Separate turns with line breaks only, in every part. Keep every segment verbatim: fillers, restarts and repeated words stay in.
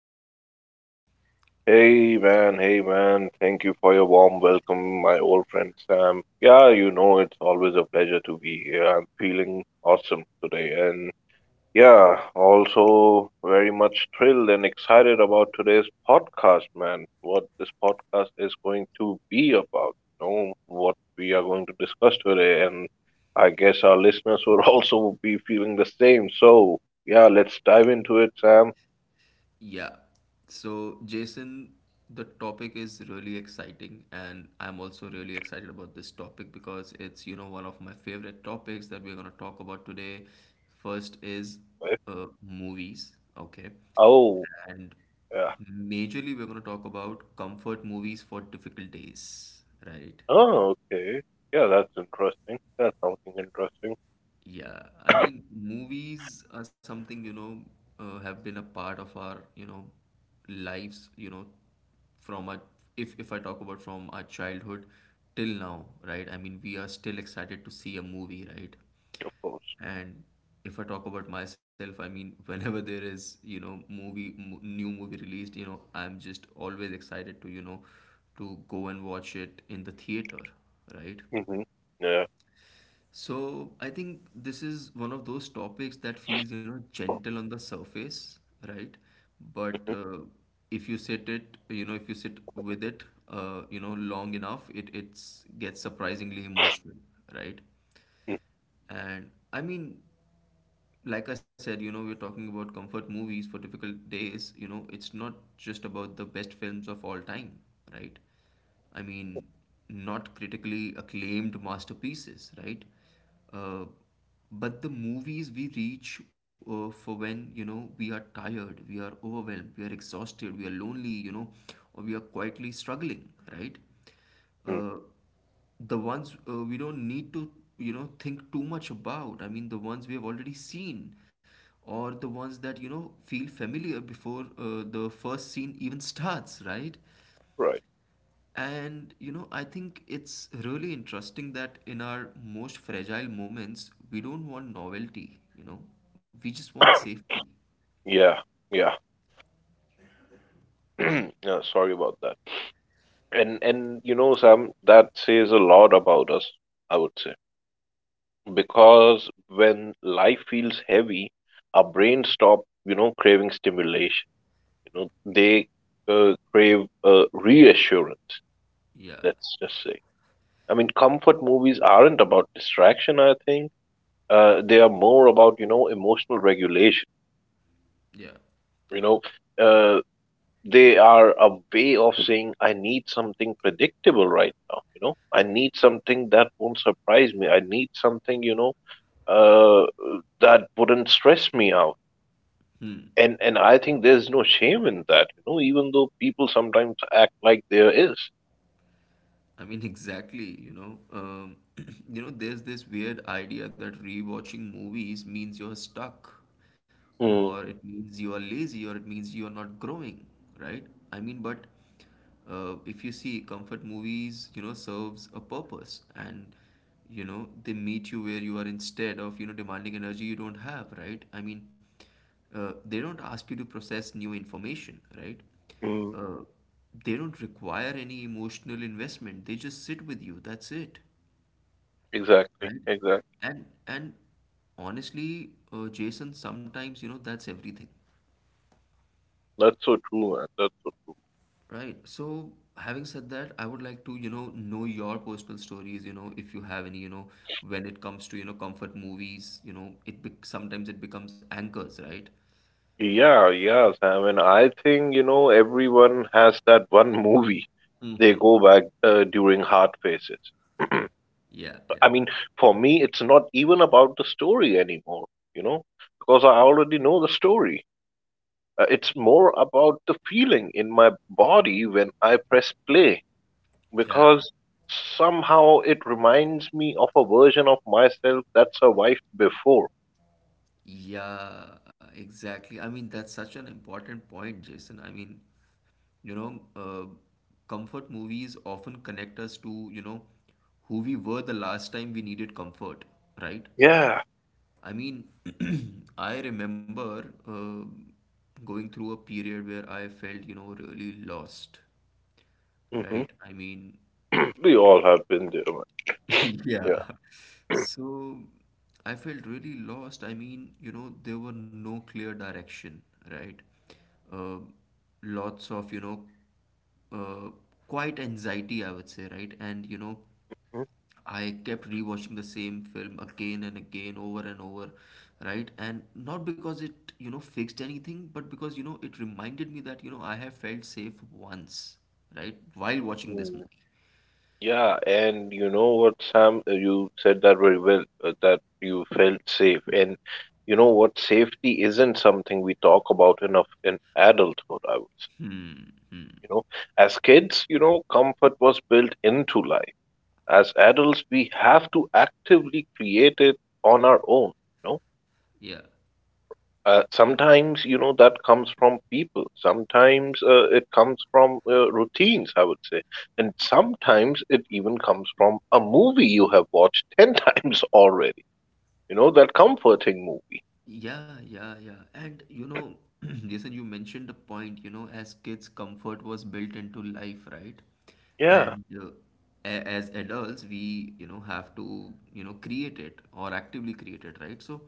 How are you, man?
Hey man, hey man, thank you for your warm welcome, my old friend Sam. Yeah, you know, it's always a pleasure to be here. I'm feeling awesome today, and yeah, also very much thrilled and excited about today's podcast, man. What this podcast is going to be about, you know, what we are going to discuss today, and I guess our listeners will also be feeling the same. So, yeah, let's dive into it, Sam.
Yeah. So, Jason, the topic is really exciting, and I'm also really excited about this topic because it's, you know, one of my favorite topics that we're going to talk about today. First is
Eh?
uh, movies, okay?
Oh,
And
yeah.
majorly, we're going to talk about comfort movies for difficult days, right?
Oh, okay. Yeah, that's interesting. That's something interesting,
Yeah, I mean, movies are something, you know, uh, have been a part of our, you know, lives, you know, from our, if, if I talk about from our childhood till now, right? I mean, we are still excited to see a movie, right?
of course.
And if I talk about myself, I mean, whenever there is, you know, movie, m new movie released, you know, I'm just always excited to, you know, to go and watch it in the theater, right?
Hmm. Yeah.
So I think this is one of those topics that feels, you know, gentle on the surface, right? But
Hmm.
uh, if you sit it, you know, if you sit with it, uh, you know, long enough, it it's gets surprisingly emotional, right? And I mean, like I said, you know, we're talking about comfort movies for difficult days. You know, it's not just about the best films of all time, right? I mean, not critically acclaimed masterpieces, right? Uh, but the movies we reach uh, for when, you know, we are tired, we are overwhelmed, we are exhausted, we are lonely, you know, or we are quietly struggling, right?
Hmm.
uh, the ones uh, we don't need to, you know, think too much about. I mean, the ones we have already seen or the ones that, you know, feel familiar before uh, the first scene even starts, right?
Right.
And you know, I think it's really interesting that in our most fragile moments we don't want novelty, you know, we just want safety.
Yeah. Yeah. Yeah, sorry about that. And and you know, Sam, that says a lot about us, I would say. Because when life feels heavy, our brain stop, you know, craving stimulation. You know, they uh, crave uh, reassurance,
Yeah,
let's just say. I mean, comfort movies aren't about distraction, I think uh, they are more about, you know, emotional regulation,
yeah.
you know, uh, they are a way of saying, I need something predictable right now, you know, I need something that won't surprise me, I need something, you know uh, that wouldn't stress me out.
Hmm.
And and i think there's no shame in that, you know, even though people sometimes act like there is.
I mean, exactly, you know. Um, you know, there's this weird idea that rewatching movies means you're stuck, or
Mm-hmm.
it means you are lazy, or it means you are not growing, right? I mean, but uh, if you see comfort movies, you know, serves a purpose and, you know, they meet you where you are instead of, you know, demanding energy you don't have, right? I mean, uh, they don't ask you to process new information, right? Uh, they don't require any emotional investment. They just sit with you. That's it,
Exactly,
right?
exactly.
And and honestly, uh, Jason, sometimes you know that's everything,
That's so true, man, that's so.
right? So having said that, I would like to, you know know your personal stories. You know, if you have any. You know, when it comes to, you know, comfort movies, you know, it bec sometimes it becomes anchors, right?
Yeah, yeah, Sam. And I think, you know, everyone has that one movie they go
Mm-hmm.
back uh, during hard phases.
Yeah,
I
yeah.
mean, for me, it's not even about the story anymore, you know, because I already know the story. Uh, it's more about the feeling in my body when I press play,
Yeah,
because somehow it reminds me of a version of myself that survived before.
yeah, exactly. I mean, that's such an important point, Jason. I mean, you know, uh, comfort movies often connect us to, you know, who we were the last time we needed comfort, right?
Yeah.
I mean, I remember uh, going through a period where I felt, you know, really lost,
Hmm.
right? I mean,
We all have been there, man.
Yeah. So I felt really lost. I mean, you know, there were no clear direction, right? Uh, Lots of, you know, uh, quite anxiety, I would say, right? And, you know,
Yeah.
I kept rewatching the same film again and again, over and over, right? And not because it, you know, fixed anything, but because, you know, it reminded me that, you know, I have felt safe once, right? While watching this
Mm.
movie.
Yeah, and you know what, Sam, uh, you said that very well, uh, that you felt safe. And you know what, safety isn't something we talk about enough in adulthood, I would say.
Hmm, hmm.
You know, as kids, you know, comfort was built into life. As adults, we have to actively create it on our own. You
Yeah.
Uh, sometimes, you know, that comes from people. Sometimes uh, it comes from uh, routines, I would say. And sometimes it even comes from a movie you have watched ten times already. You know, that comforting movie.
Yeah, yeah, yeah. And you know, Jason, you mentioned the point, you know, as kids, comfort was built into life, right?
Yeah.
And uh, a- as adults, we, you know, have to, you know, create it or actively create it, right? So,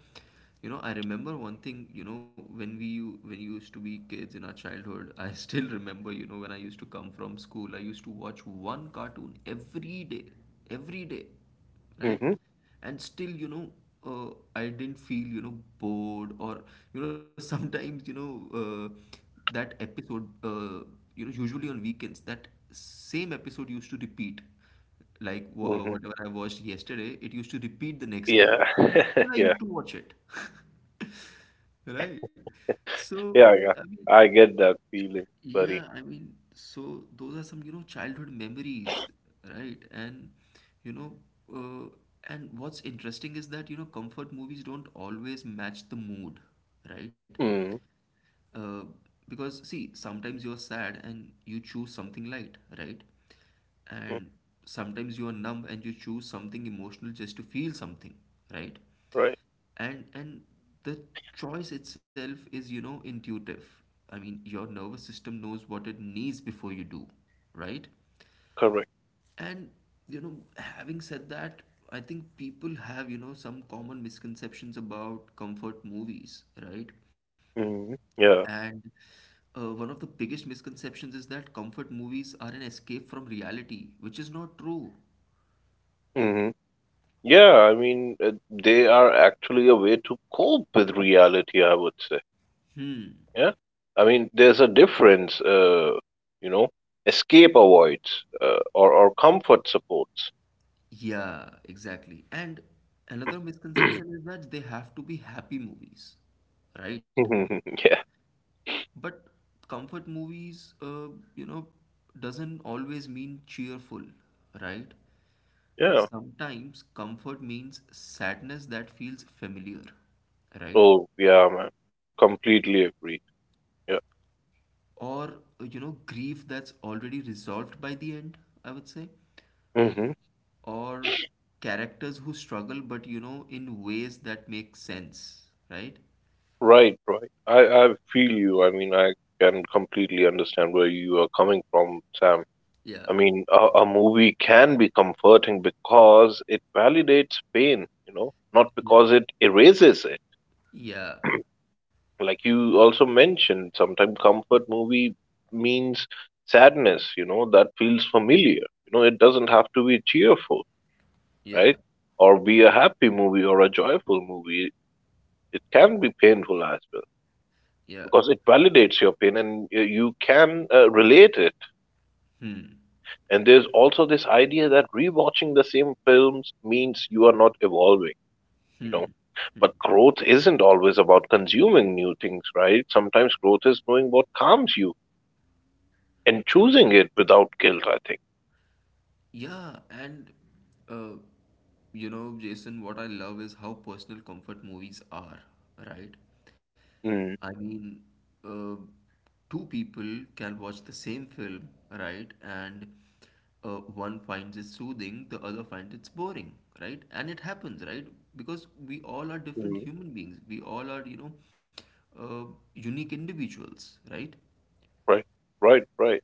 you know, I remember one thing, you know, when we, when you used to be kids in our childhood, I still remember, you know, when I used to come from school, I used to watch one cartoon every day, every day, right?
Hmm.
And still, you know, uh, I didn't feel, you know, bored or, you know, sometimes, you know, uh, that episode, uh, you know, usually on weekends, that same episode used to repeat like wha- uh,
Hmm.
whatever I watched yesterday, it used to repeat the next day,
Yeah.
and still I
Yeah.
used to watch it, right? So
Yeah.
I
Yeah.
mean,
I get that feeling, buddy.
yeah, I mean, so those are some, you know, childhood memories, right? And, you know, uh, and what's interesting is that, you know, comfort movies don't always match the mood, right?
Hmm.
Uh, because see, sometimes you are sad and you choose something light, right? And sometimes you are numb and you choose something emotional just to feel something, right?
Right.
And and the choice itself is, you know, intuitive. I mean, your nervous system knows what it needs before you do, right?
Correct.
And you know, having said that, I think people have, you know, some common misconceptions about comfort movies, right?
Hmm. Yeah.
And uh, one of the biggest misconceptions is that comfort movies are an escape from reality, which is not true.
Hmm. Yeah. I mean, uh, they are actually a way to cope with reality, I would say.
Hmm.
Yeah, I mean, there's a difference. Uh, you know, escape avoids uh, or or comfort supports.
Yeah, exactly. And another misconception is that they have to be happy movies, right?
Yeah,
But comfort movies, uh, you know, doesn't always mean cheerful, right?
yeah.
Sometimes comfort means sadness that feels familiar, right?
Oh, yeah, man. Completely agreed. Yeah.
Or uh, you know, grief that's already resolved by the end, I would say.
Hmm.
Or characters who struggle but, you know, in ways that make sense, right?
Right, right. I I feel you. I mean, I can completely understand where you are coming from, Sam.
Yeah,
I mean, a, a movie can be comforting because it validates pain, you know, not
yeah,
because it erases it.
yeah,
Like you also mentioned, sometimes comfort movie means sadness, you know, that feels familiar. You know, it doesn't have to be cheerful,
yeah,
right? Or be a happy movie or a joyful movie. It can be painful as well
yeah.
because it validates your pain and y- you can uh, relate it. And there's also this idea that rewatching the same films means you are not evolving, you know. But growth isn't always about consuming new things, right? Sometimes growth is knowing what calms you. And choosing it without guilt, I think.
Yeah, and uh, you know, Jason, what I love is how personal comfort movies are, right? I
Mm.
mean, uh, two people can watch the same film, right? And uh, one finds it soothing, the other finds it's boring, right? And it happens, right? Because we all are different
Mm.
human beings. We all are, you know, uh, unique individuals, right?
Right, right, right.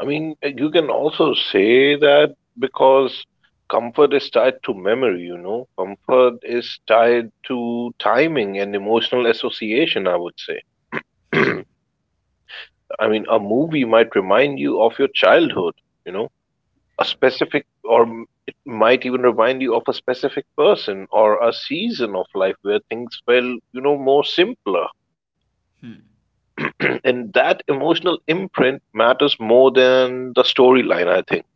I mean, uh, you can also say that because comfort is tied to memory, you know, comfort is tied to timing and emotional association, I would say. I mean, a movie might remind you of your childhood, you know, a
Yeah.
specific, or m- it might even remind you of a specific person or a season of life where things felt, you know, more simpler. And that emotional imprint matters more than the storyline, I think.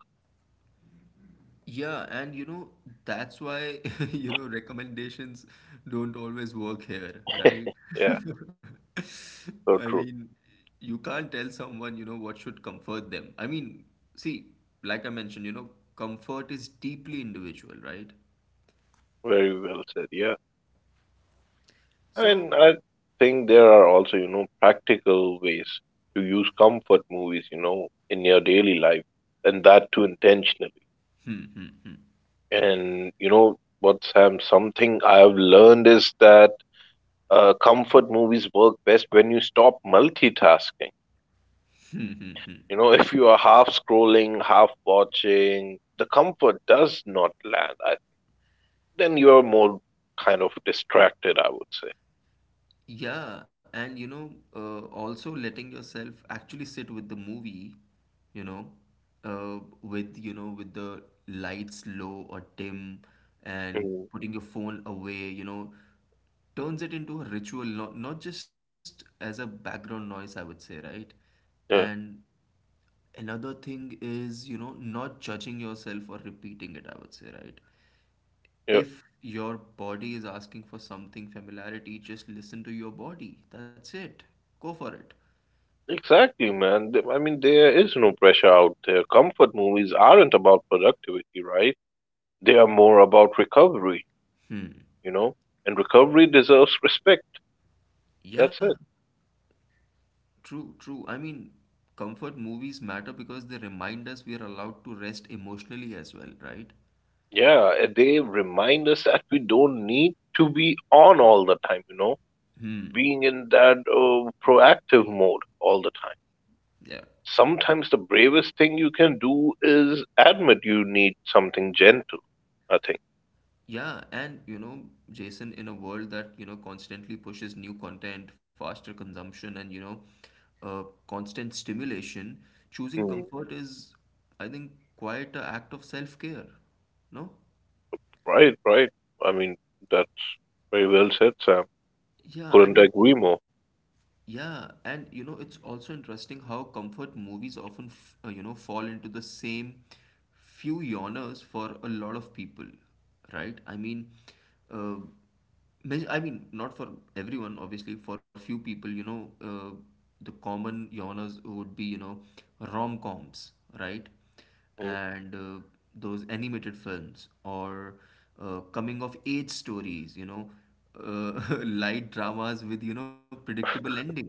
Yeah, and you know, that's why, you know, recommendations don't always work here, right?
Yeah,
I
so true.
mean, you can't tell someone, you know, what should comfort them. I mean, see, like I mentioned, you know, comfort is deeply individual, right?
Very well said. Yeah. I mean,
So,
I think there are also, you know, practical ways to use comfort movies, you know, in your daily life, and that too intentionally. And, you know, what Sam, something I've learned is that uh, comfort movies work best when you stop multitasking. You know, if you are half scrolling, half watching, the comfort does not land. I, then you're more kind of distracted, I would say.
Yeah, and you know, uh, also letting yourself actually sit with the movie, you know, uh, with, you know, with the lights low or dim, and
Hmm.
putting your phone away, you know, turns it into a ritual, not not just as a background noise, I would say, right?
Yeah,
And another thing is, you know, not judging yourself or repeating it, I would say, right?
yeah,
If your body is asking for something familiarity, just listen to your body. That's it. Go for it.
exactly, man. Th- I mean, there is no pressure out there. Comfort movies aren't about productivity, right? They are more about recovery,
Hmm.
you know, and recovery deserves respect. That's
Yeah,
it.
true, true. I mean, comfort movies matter because they remind us we are allowed to rest emotionally as well, right?
Yeah, and they remind us that we don't need to be on all the time, you know,
Hmm.
being in that uh, proactive mode all the time.
Yeah.
Sometimes the bravest thing you can do is admit you need something gentle, I think.
Yeah, and you know, Jason, in a world that, you know, constantly pushes new content, faster consumption, and, you know, uh, constant stimulation, choosing
Hmm.
comfort is, I think, quite a act of self-care. No?
Right, right. I mean, that's very well said, Sam.
Yeah, I
Couldn't
mean,
agree more.
yeah, and you know, it's also interesting how comfort movies often, f- uh, you know, fall into the same few genres for a lot of people, right? I mean, uh, ma- I mean, not for everyone, obviously, for few people, you know, uh, the common genres would be, you know, rom-coms, right?
Mm.
And uh, those animated films or uh, coming of age stories, you know, uh, light dramas with, you know, predictable endings,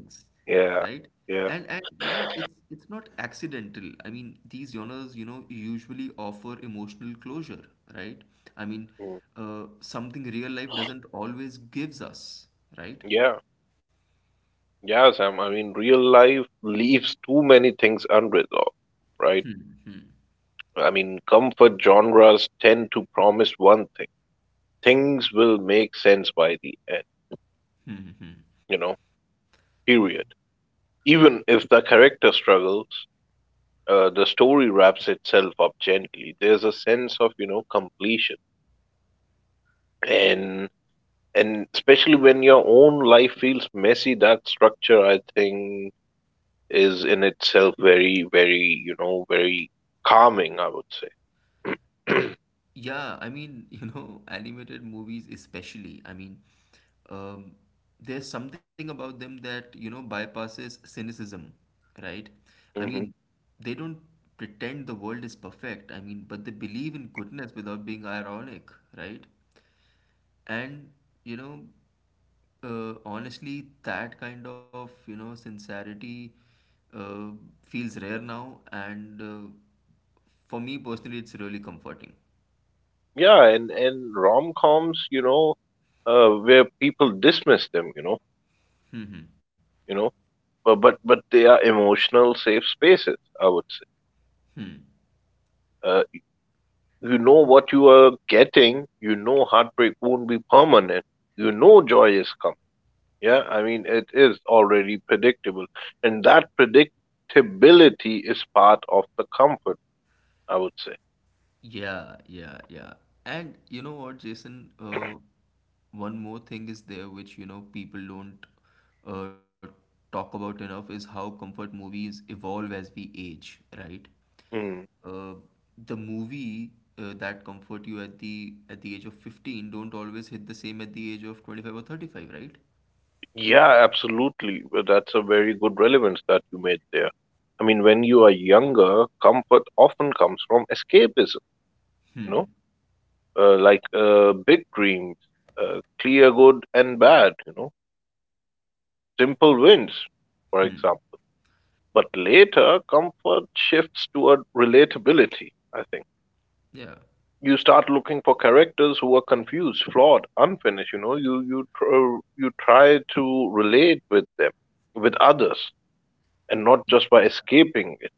right?
Yeah,
And
yeah.
and you know, it's it's not accidental. I mean, these genres, you know, usually offer emotional closure, right? I mean,
Mm.
uh, something real life doesn't always gives us, right?
Yeah, yeah, Sam. I mean, real life leaves too many things unresolved, right? I mean, comfort genres tend to promise one thing: things will make sense by the end, you know, period. Even if the character struggles, uh, the story wraps itself up gently. There's a sense of, you know, completion. And and especially when your own life feels messy, that structure I think is in itself very, very, you know, very calming, I would say.
Yeah, I mean, you know, animated movies especially, I mean, um, there's something about them that, you know, bypasses cynicism, right? I
Hmm.
mean, they don't pretend the world is perfect, I mean, but they believe in goodness without being ironic, right? And, you know, uh, honestly, that kind of, you know, sincerity uh, feels rare now, and uh, for me personally, it's really comforting.
Yeah, and and rom-coms, you know, uh, where people dismiss them, you know,
Hmm, hmm,
you know, but but but they are emotional safe spaces, I would say.
hmm.
uh, you know what you are getting, you know, heartbreak won't be permanent, you know, joy is coming. Yeah, I mean, it is already predictable, and that predictability is part of the comfort, I would say.
Yeah, yeah, yeah. And you know what, Jason? Uh, one more thing is there which, you know, people don't uh, talk about enough is how comfort movies evolve as we age, right?
Mm.
Uh, the movie uh, that comfort you at the at the age of fifteen don't always hit the same at the age of twenty-five or thirty-five, right?
Yeah, absolutely. Well, that's a very good relevance that you made there. I mean, when you are younger, comfort often comes from escapism, you know, uh, like uh, big dreams, uh, clear good and bad, you know, simple wins, for example. But later, comfort shifts toward relatability, I think.
Yeah.
You start looking for characters who are confused, flawed, unfinished, you know, you, you, tr- uh, you try to relate with them, with others, and not just
Yeah.
by escaping it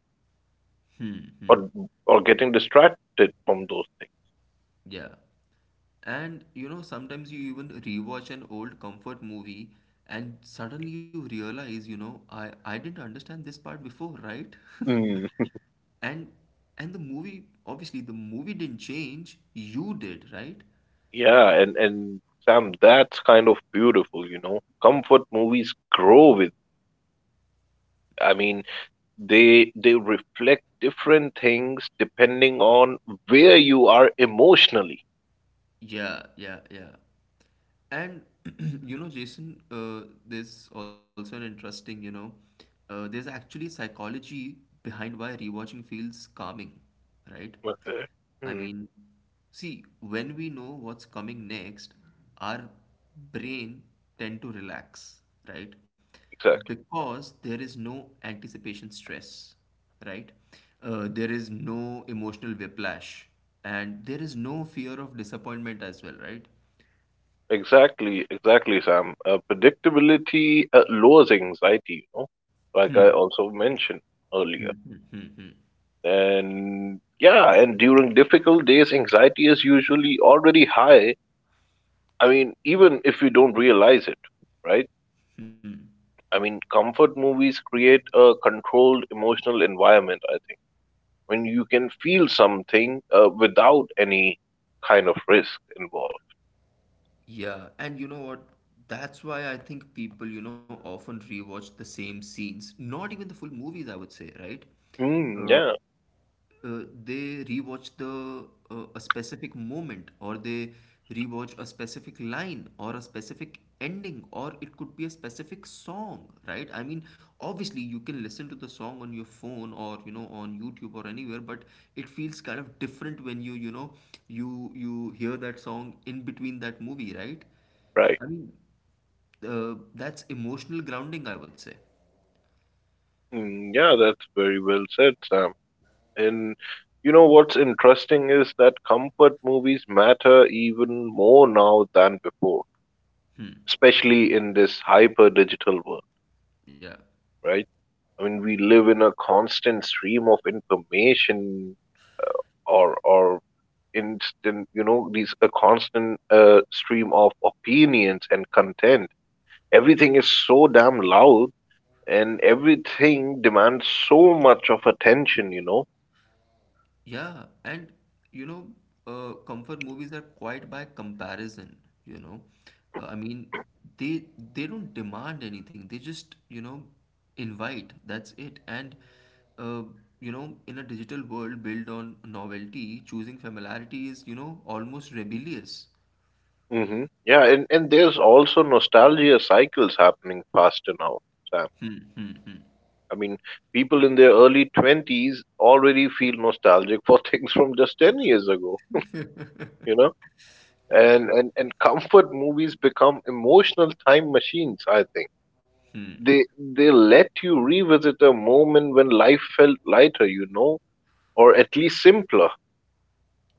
Hmm, hmm.
or, or getting distracted from those
Yeah. And you know, sometimes you even rewatch an old comfort movie and suddenly you realize, you know, I, I didn't understand this part before, right?
things.
And and the movie, obviously the movie didn't change, you did, right?
Yeah, and and Sam, that's kind of beautiful, you know. Comfort movies grow with. I mean, they they reflect different things depending on where you are emotionally.
Yeah, yeah, yeah. And you know, Jason, uh, there's also an interesting, you know, uh, there's actually a psychology behind why rewatching feels calming, right?
Okay.
I
Hmm.
mean, see, when we know what's coming next, our brain tend to relax, right?
Exactly.
Because there is no anticipation stress, right? Uh, there is no emotional whiplash and there is no fear of disappointment as well, right?
Exactly. Exactly, Sam. Uh, predictability uh, lowers anxiety, you know, like I also mentioned earlier.
Mm-hmm.
And yeah, and during difficult days, anxiety is usually already high. I mean, even if you don't realize it, right? I mean, comfort movies create a controlled emotional environment, I think. When you can feel something uh, without any kind of risk involved.
Yeah, and you know what? That's why I think people, you know, often rewatch the same scenes, not even the full movies, I would say, right?
Mm,
Uh,
yeah,
uh, they rewatch the uh, A specific moment, or they rewatch a specific line or a specific ending, or it could be a specific song, right? I mean, obviously you can listen to the song on your phone or, you know, on YouTube or anywhere, but it feels kind of different when you you know you you hear that song in between that movie, right?
right.
i mean uh, that's emotional grounding, I would say.
Mm, yeah, that's very well said, Sam. And you know what's interesting is that comfort movies matter even more now than before,
Hmm.
especially in this hyper digital world,
Yeah.
right? I mean, we live in a constant stream of information, or or instant, you know, these a constant uh, stream of opinions and content. Everything is so damn loud, and everything demands so much of attention, you know.
Yeah, and you know, uh, comfort movies are quite by comparison, you know. Uh, I mean, they they don't demand anything. They just, you know, invite. That's it. And uh, you know, in a digital world built on novelty, choosing familiarity is, you know, almost rebellious.
Hmm. Yeah, and and there's also nostalgia cycles happening faster now, Sam. I mean, people in their early twenties already feel nostalgic for things from just ten years ago, you know. And and and comfort movies become emotional time machines, I think. They they let you revisit a moment when life felt lighter, you know, or at least simpler.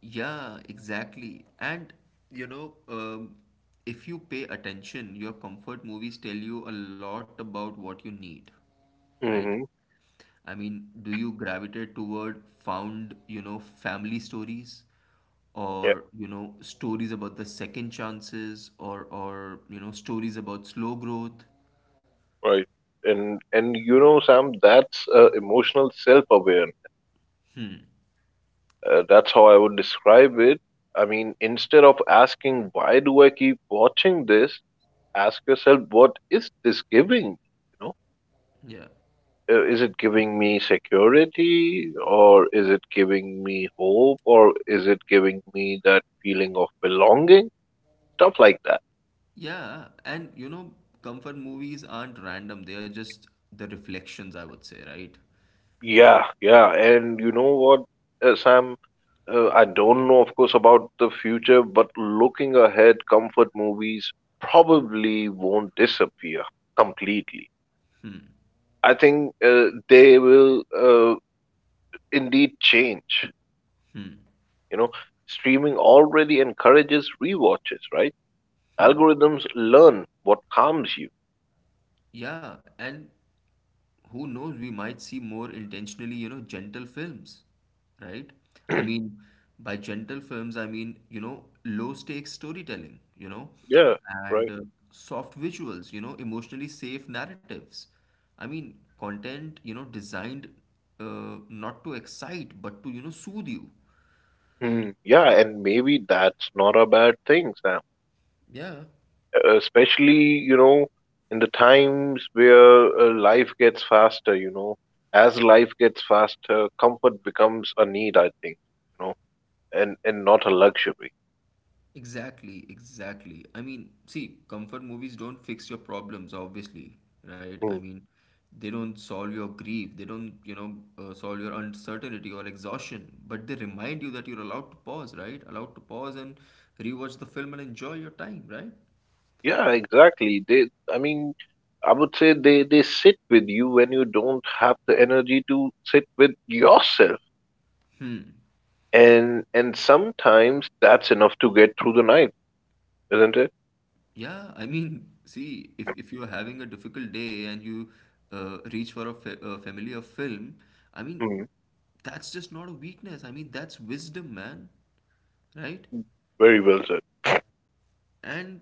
Yeah, exactly. And you know, um, if you pay attention, your comfort movies tell you a lot about what you need, right?
Hmm.
I mean, do you gravitate toward found, you know, family stories,
Yeah,
or, you know, stories about the second chances, or or, you know, stories about slow growth?
right. and and you know Sam, that's uh, emotional self awareness, uh, that's how I would describe it. I mean, instead of asking, why do I keep watching this, ask yourself, what is this giving you?
Yeah.
Uh, is it giving me security, or is it giving me hope, or is it giving me that feeling of belonging, stuff like that.
Yeah, and you know, comfort movies aren't random. They are just the reflections, I would say, right?
Yeah, yeah, and you know what, uh, Sam, uh, I don't know of course about the future, but looking ahead comfort movies probably won't disappear completely. I think uh, they will, uh, indeed change, you know. Streaming already encourages rewatches, right? Algorithms learn what harms you.
Yeah, and who knows, we might see more intentionally, you know, gentle films, right? I mean, by gentle films I mean, you know, low stakes storytelling, you know.
Yeah,
And
right.
uh, soft visuals, you know, emotionally safe narratives. I mean, content, you know, designed uh, not to excite but to, you know, soothe you.
Mhm. Yeah, and maybe that's not a bad thing, Sam.
Yeah.
Uh, Especially, you know, in the times where uh, life gets faster, you know, as life gets faster, comfort becomes a need, I think, you know, and and not a luxury.
Exactly, exactly. I mean, see, comfort movies don't fix your problems, obviously, right? I
Hmm.
mean, they don't solve your grief, they don't, you know, uh, solve your uncertainty or exhaustion, but they remind you that you're allowed to pause, right? Allowed to pause and rewatch the film and enjoy your time, right?
Yeah, exactly. They, I mean, I would say they they sit with you when you don't have the energy to sit with yourself. And and sometimes that's enough to get through the night, isn't it?
Yeah, I mean, see, if, if you're having a difficult day and you uh, reach for a, fa- a familiar film, I mean,
Mhm.
that's just not a weakness. I mean, that's wisdom, man, right?
Very well said.
And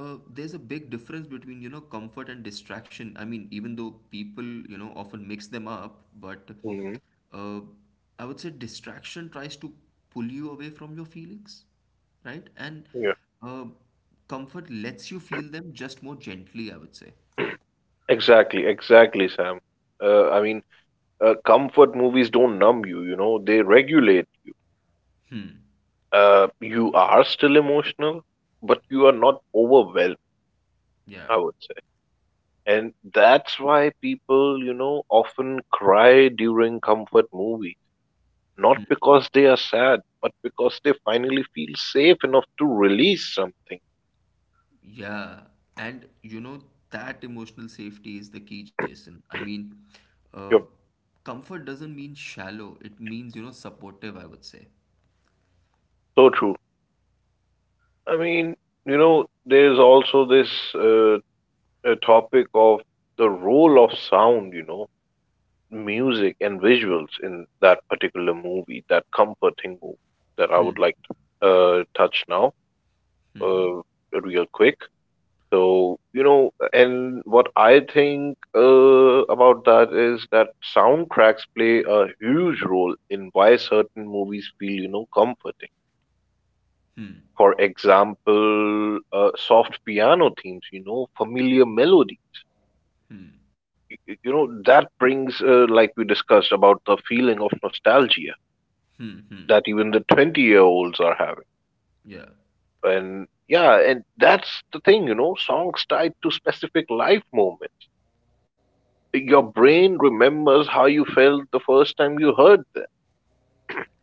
uh, there's a big difference between, you know, comfort and distraction. I mean, even though people, you know, often mix them up, but
Hmm.
uh, I would say distraction tries to pull you away from your feelings, right. And
Yeah.
uh, comfort lets you feel them just more gently, I would say.
Exactly, exactly, Sam. Uh, I mean, uh, comfort movies don't numb you, you know, they regulate. Uh, you are still emotional, but you are not overwhelmed,
Yeah.
I would say. And that's why people, you know, often cry during comfort movies, not because they are sad, but because they finally feel safe enough to release something.
Yeah, and you know, that emotional safety is the key, Jason. i mean uh,
Yep,
Comfort doesn't mean shallow, it means, you know, supportive, I would say.
so true. I mean, you know, there's also this uh, uh, topic of the role of sound, you know, music and visuals in that particular movie, that comforting movie that I would like to uh, touch now, uh, real quick. So, you know, and what I think uh, about that is that soundtracks play a huge role in why certain movies feel, you know, comforting. For example, uh, soft piano themes, you know, familiar melody. Y- y- You know, that brings, uh, like we discussed, about the feeling of nostalgia
Hmm. Hmm.
that even the twenty year olds are having.
Yeah.
And yeah, and that's the thing, you know, songs tied to specific life moments. Your
Yeah.
brain remembers how you felt the first time you heard them.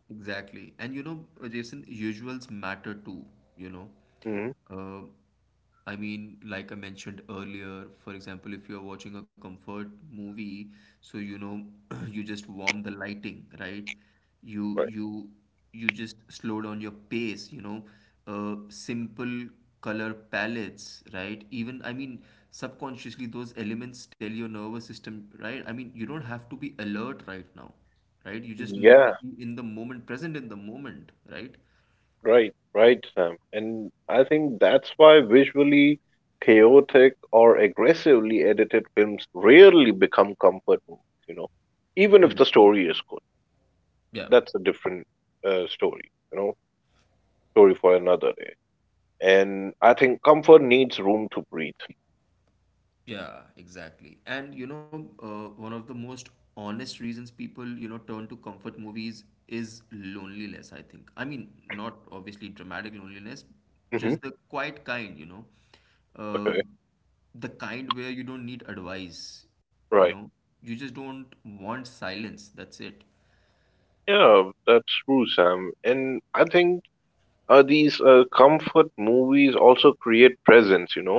Exactly. And you know, uh, Jason, usuals matter too, you know.
Hmm
Uh, I mean, like I mentioned earlier, for example, if you're watching a comfort movie, so you know, you just warm the lighting, right? You
Right.
you you just slow down your pace, you know, uh, simple color palettes, right? Even, I mean, subconsciously, those elements tell your nervous system, right? I mean, you don't have to be alert right now, right? You just need to
Yeah.
be in the moment, present in the moment, right?
Right, right, Sam. And I think that's why visually chaotic or aggressively edited films rarely become comfort movies, you know, even if the story is good.
Yeah.
That's a different uh, story, you know, story for another day. And I think comfort needs room to breathe.
Yeah, exactly. And you know, uh, one of the most honest reasons people, you know, turn to comfort movies is loneliness, I think. I mean, not obviously dramatic loneliness,
Hmm
just the quiet kind, you know. Uh,
Okay,
the kind where you don't need advice, you
right.
know. You just don't want silence. That's it.
Yeah, that's true, Sam. And I think uh, these uh, comfort movies also create presence, you know.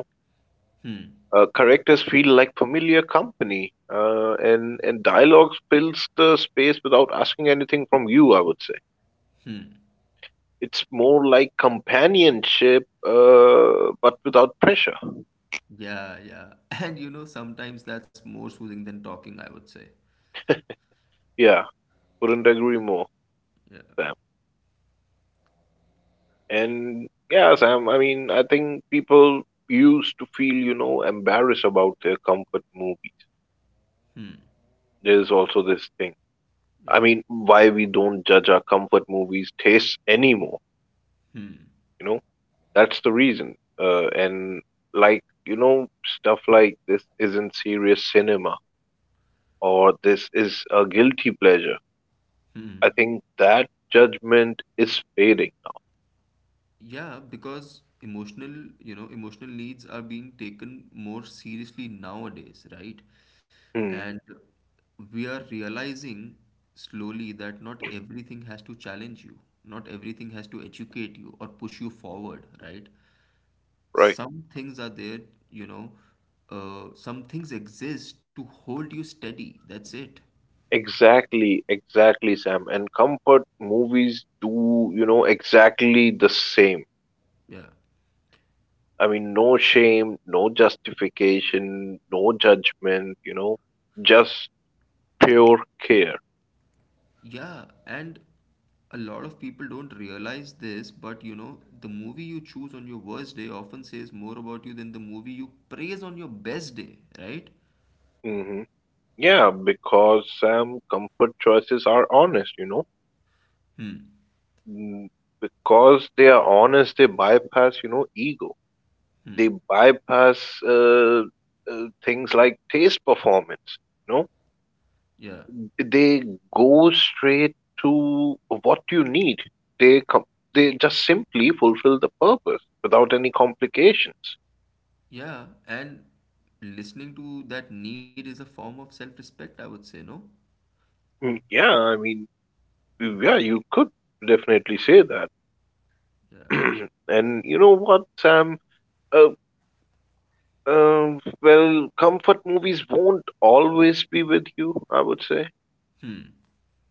Uh, characters feel like familiar company, uh, and and dialogue fills the space without asking anything from you. I would say it's more like companionship, uh, but without pressure.
Yeah, yeah. And you know, sometimes that's more soothing than talking, I would say.
Yeah, couldn't agree more,
Yeah.
Sam. And yeah, Sam. I mean, I think people used to feel, you know, embarrassed about their comfort movies. There's also this thing. I
Yeah.
mean, why we don't judge our comfort movies tastes anymore, you know? That's the reason. Uh, and like, you know, stuff like this isn't serious cinema or this is a guilty pleasure. I think that judgment is fading.
Yeah, because emotional, you know, emotional needs are being taken more seriously nowadays, right?
Hmm,
And we are realizing slowly that not everything has to challenge you, not everything has to educate you or push you forward, right?
right.
Some things are there, you know, uh, some things exist to hold you steady. That's it.
Exactly, exactly, Sam. And comfort movies do, you know, exactly the same.
Yeah.
I mean, no shame, no justification, no judgment, you know, just pure care.
Yeah, and a lot of people don't realize this, but you know, the movie you choose on your worst day often says more about you than the movie you praise on your best day, right?
Hmm Yeah, because Sam, comfort choices are honest, you know.
Hmm.
Mm. Because they are honest, they bypass, you know, ego. They bypass uh, uh, things like taste performance, you know.
Yeah.
They go straight to what you need. They com- they just simply fulfill the purpose without any complications.
Yeah, and listening to that need is a form of self-respect, I would say, no?
Mm, yeah, I mean, yeah, you could definitely say that.
Yeah.
And you know what, Sam? Uh, Um, well, comfort movies won't always be with you, I would say.
Hmm.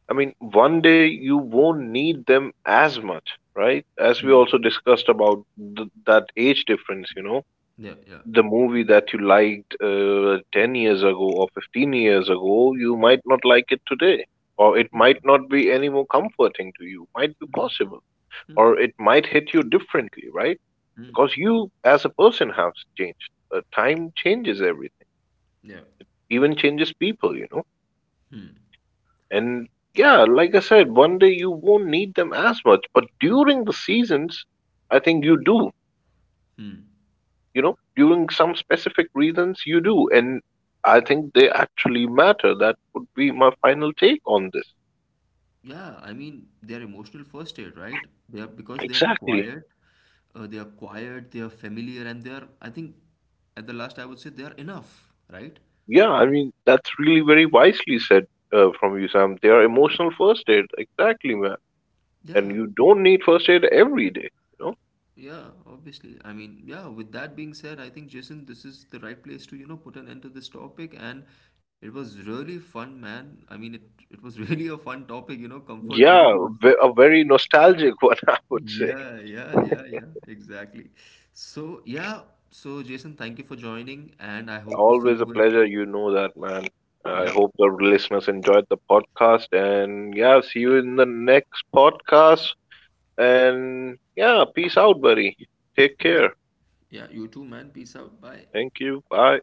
I mean, one day you won't need them as much, right? As we
Hmm.
also discussed about th- that age difference, you know,
Yeah, yeah.
the movie that you liked uh, ten years ago or fifteen years ago, you might not like it today, or it
Yeah.
might not be any more comforting to you, might be
Hmm.
possible,
Hmm.
or it might hit you differently, right?
Hmm.
Because you as a person has changed. Uh, time changes everything,
Yeah.
even changes people, you know. And yeah, like I said, one day you won't need them as much, but during the seasons, I think you do, you know, during some specific reasons, you do. And I think they actually matter. That would be my final take on this.
Yeah, I mean, they're emotional first aid, right? They are, because they are
Exactly.
quiet, uh, they are quiet, they are familiar, and they are. I think at the last, I would say they are enough, right?
Yeah, I mean, that's really very wisely said uh, from you, Sam. They are emotional first aid. Exactly, man. And
Yeah,
you don't need first aid every day, you know?
yeah, obviously. I mean, yeah. With that being said, I think, Jason, this is the right place to, you know, put an end to this topic, and it was really fun, man. I mean, it it was really a fun topic, you know, comfort
Yeah,
movies.
ve- a very nostalgic one, I would say.
Yeah, yeah, yeah, yeah, exactly. So, yeah, so Jason, thank you for joining, and I hope to see
Always a
you in.
pleasure. You know that, man. I
Yeah,
hope the listeners enjoyed the podcast. And yeah, see you in the next podcast. And yeah, peace out, buddy. Take
yeah,
care.
yeah, you too, man. Peace out. Bye.
Thank you. Bye.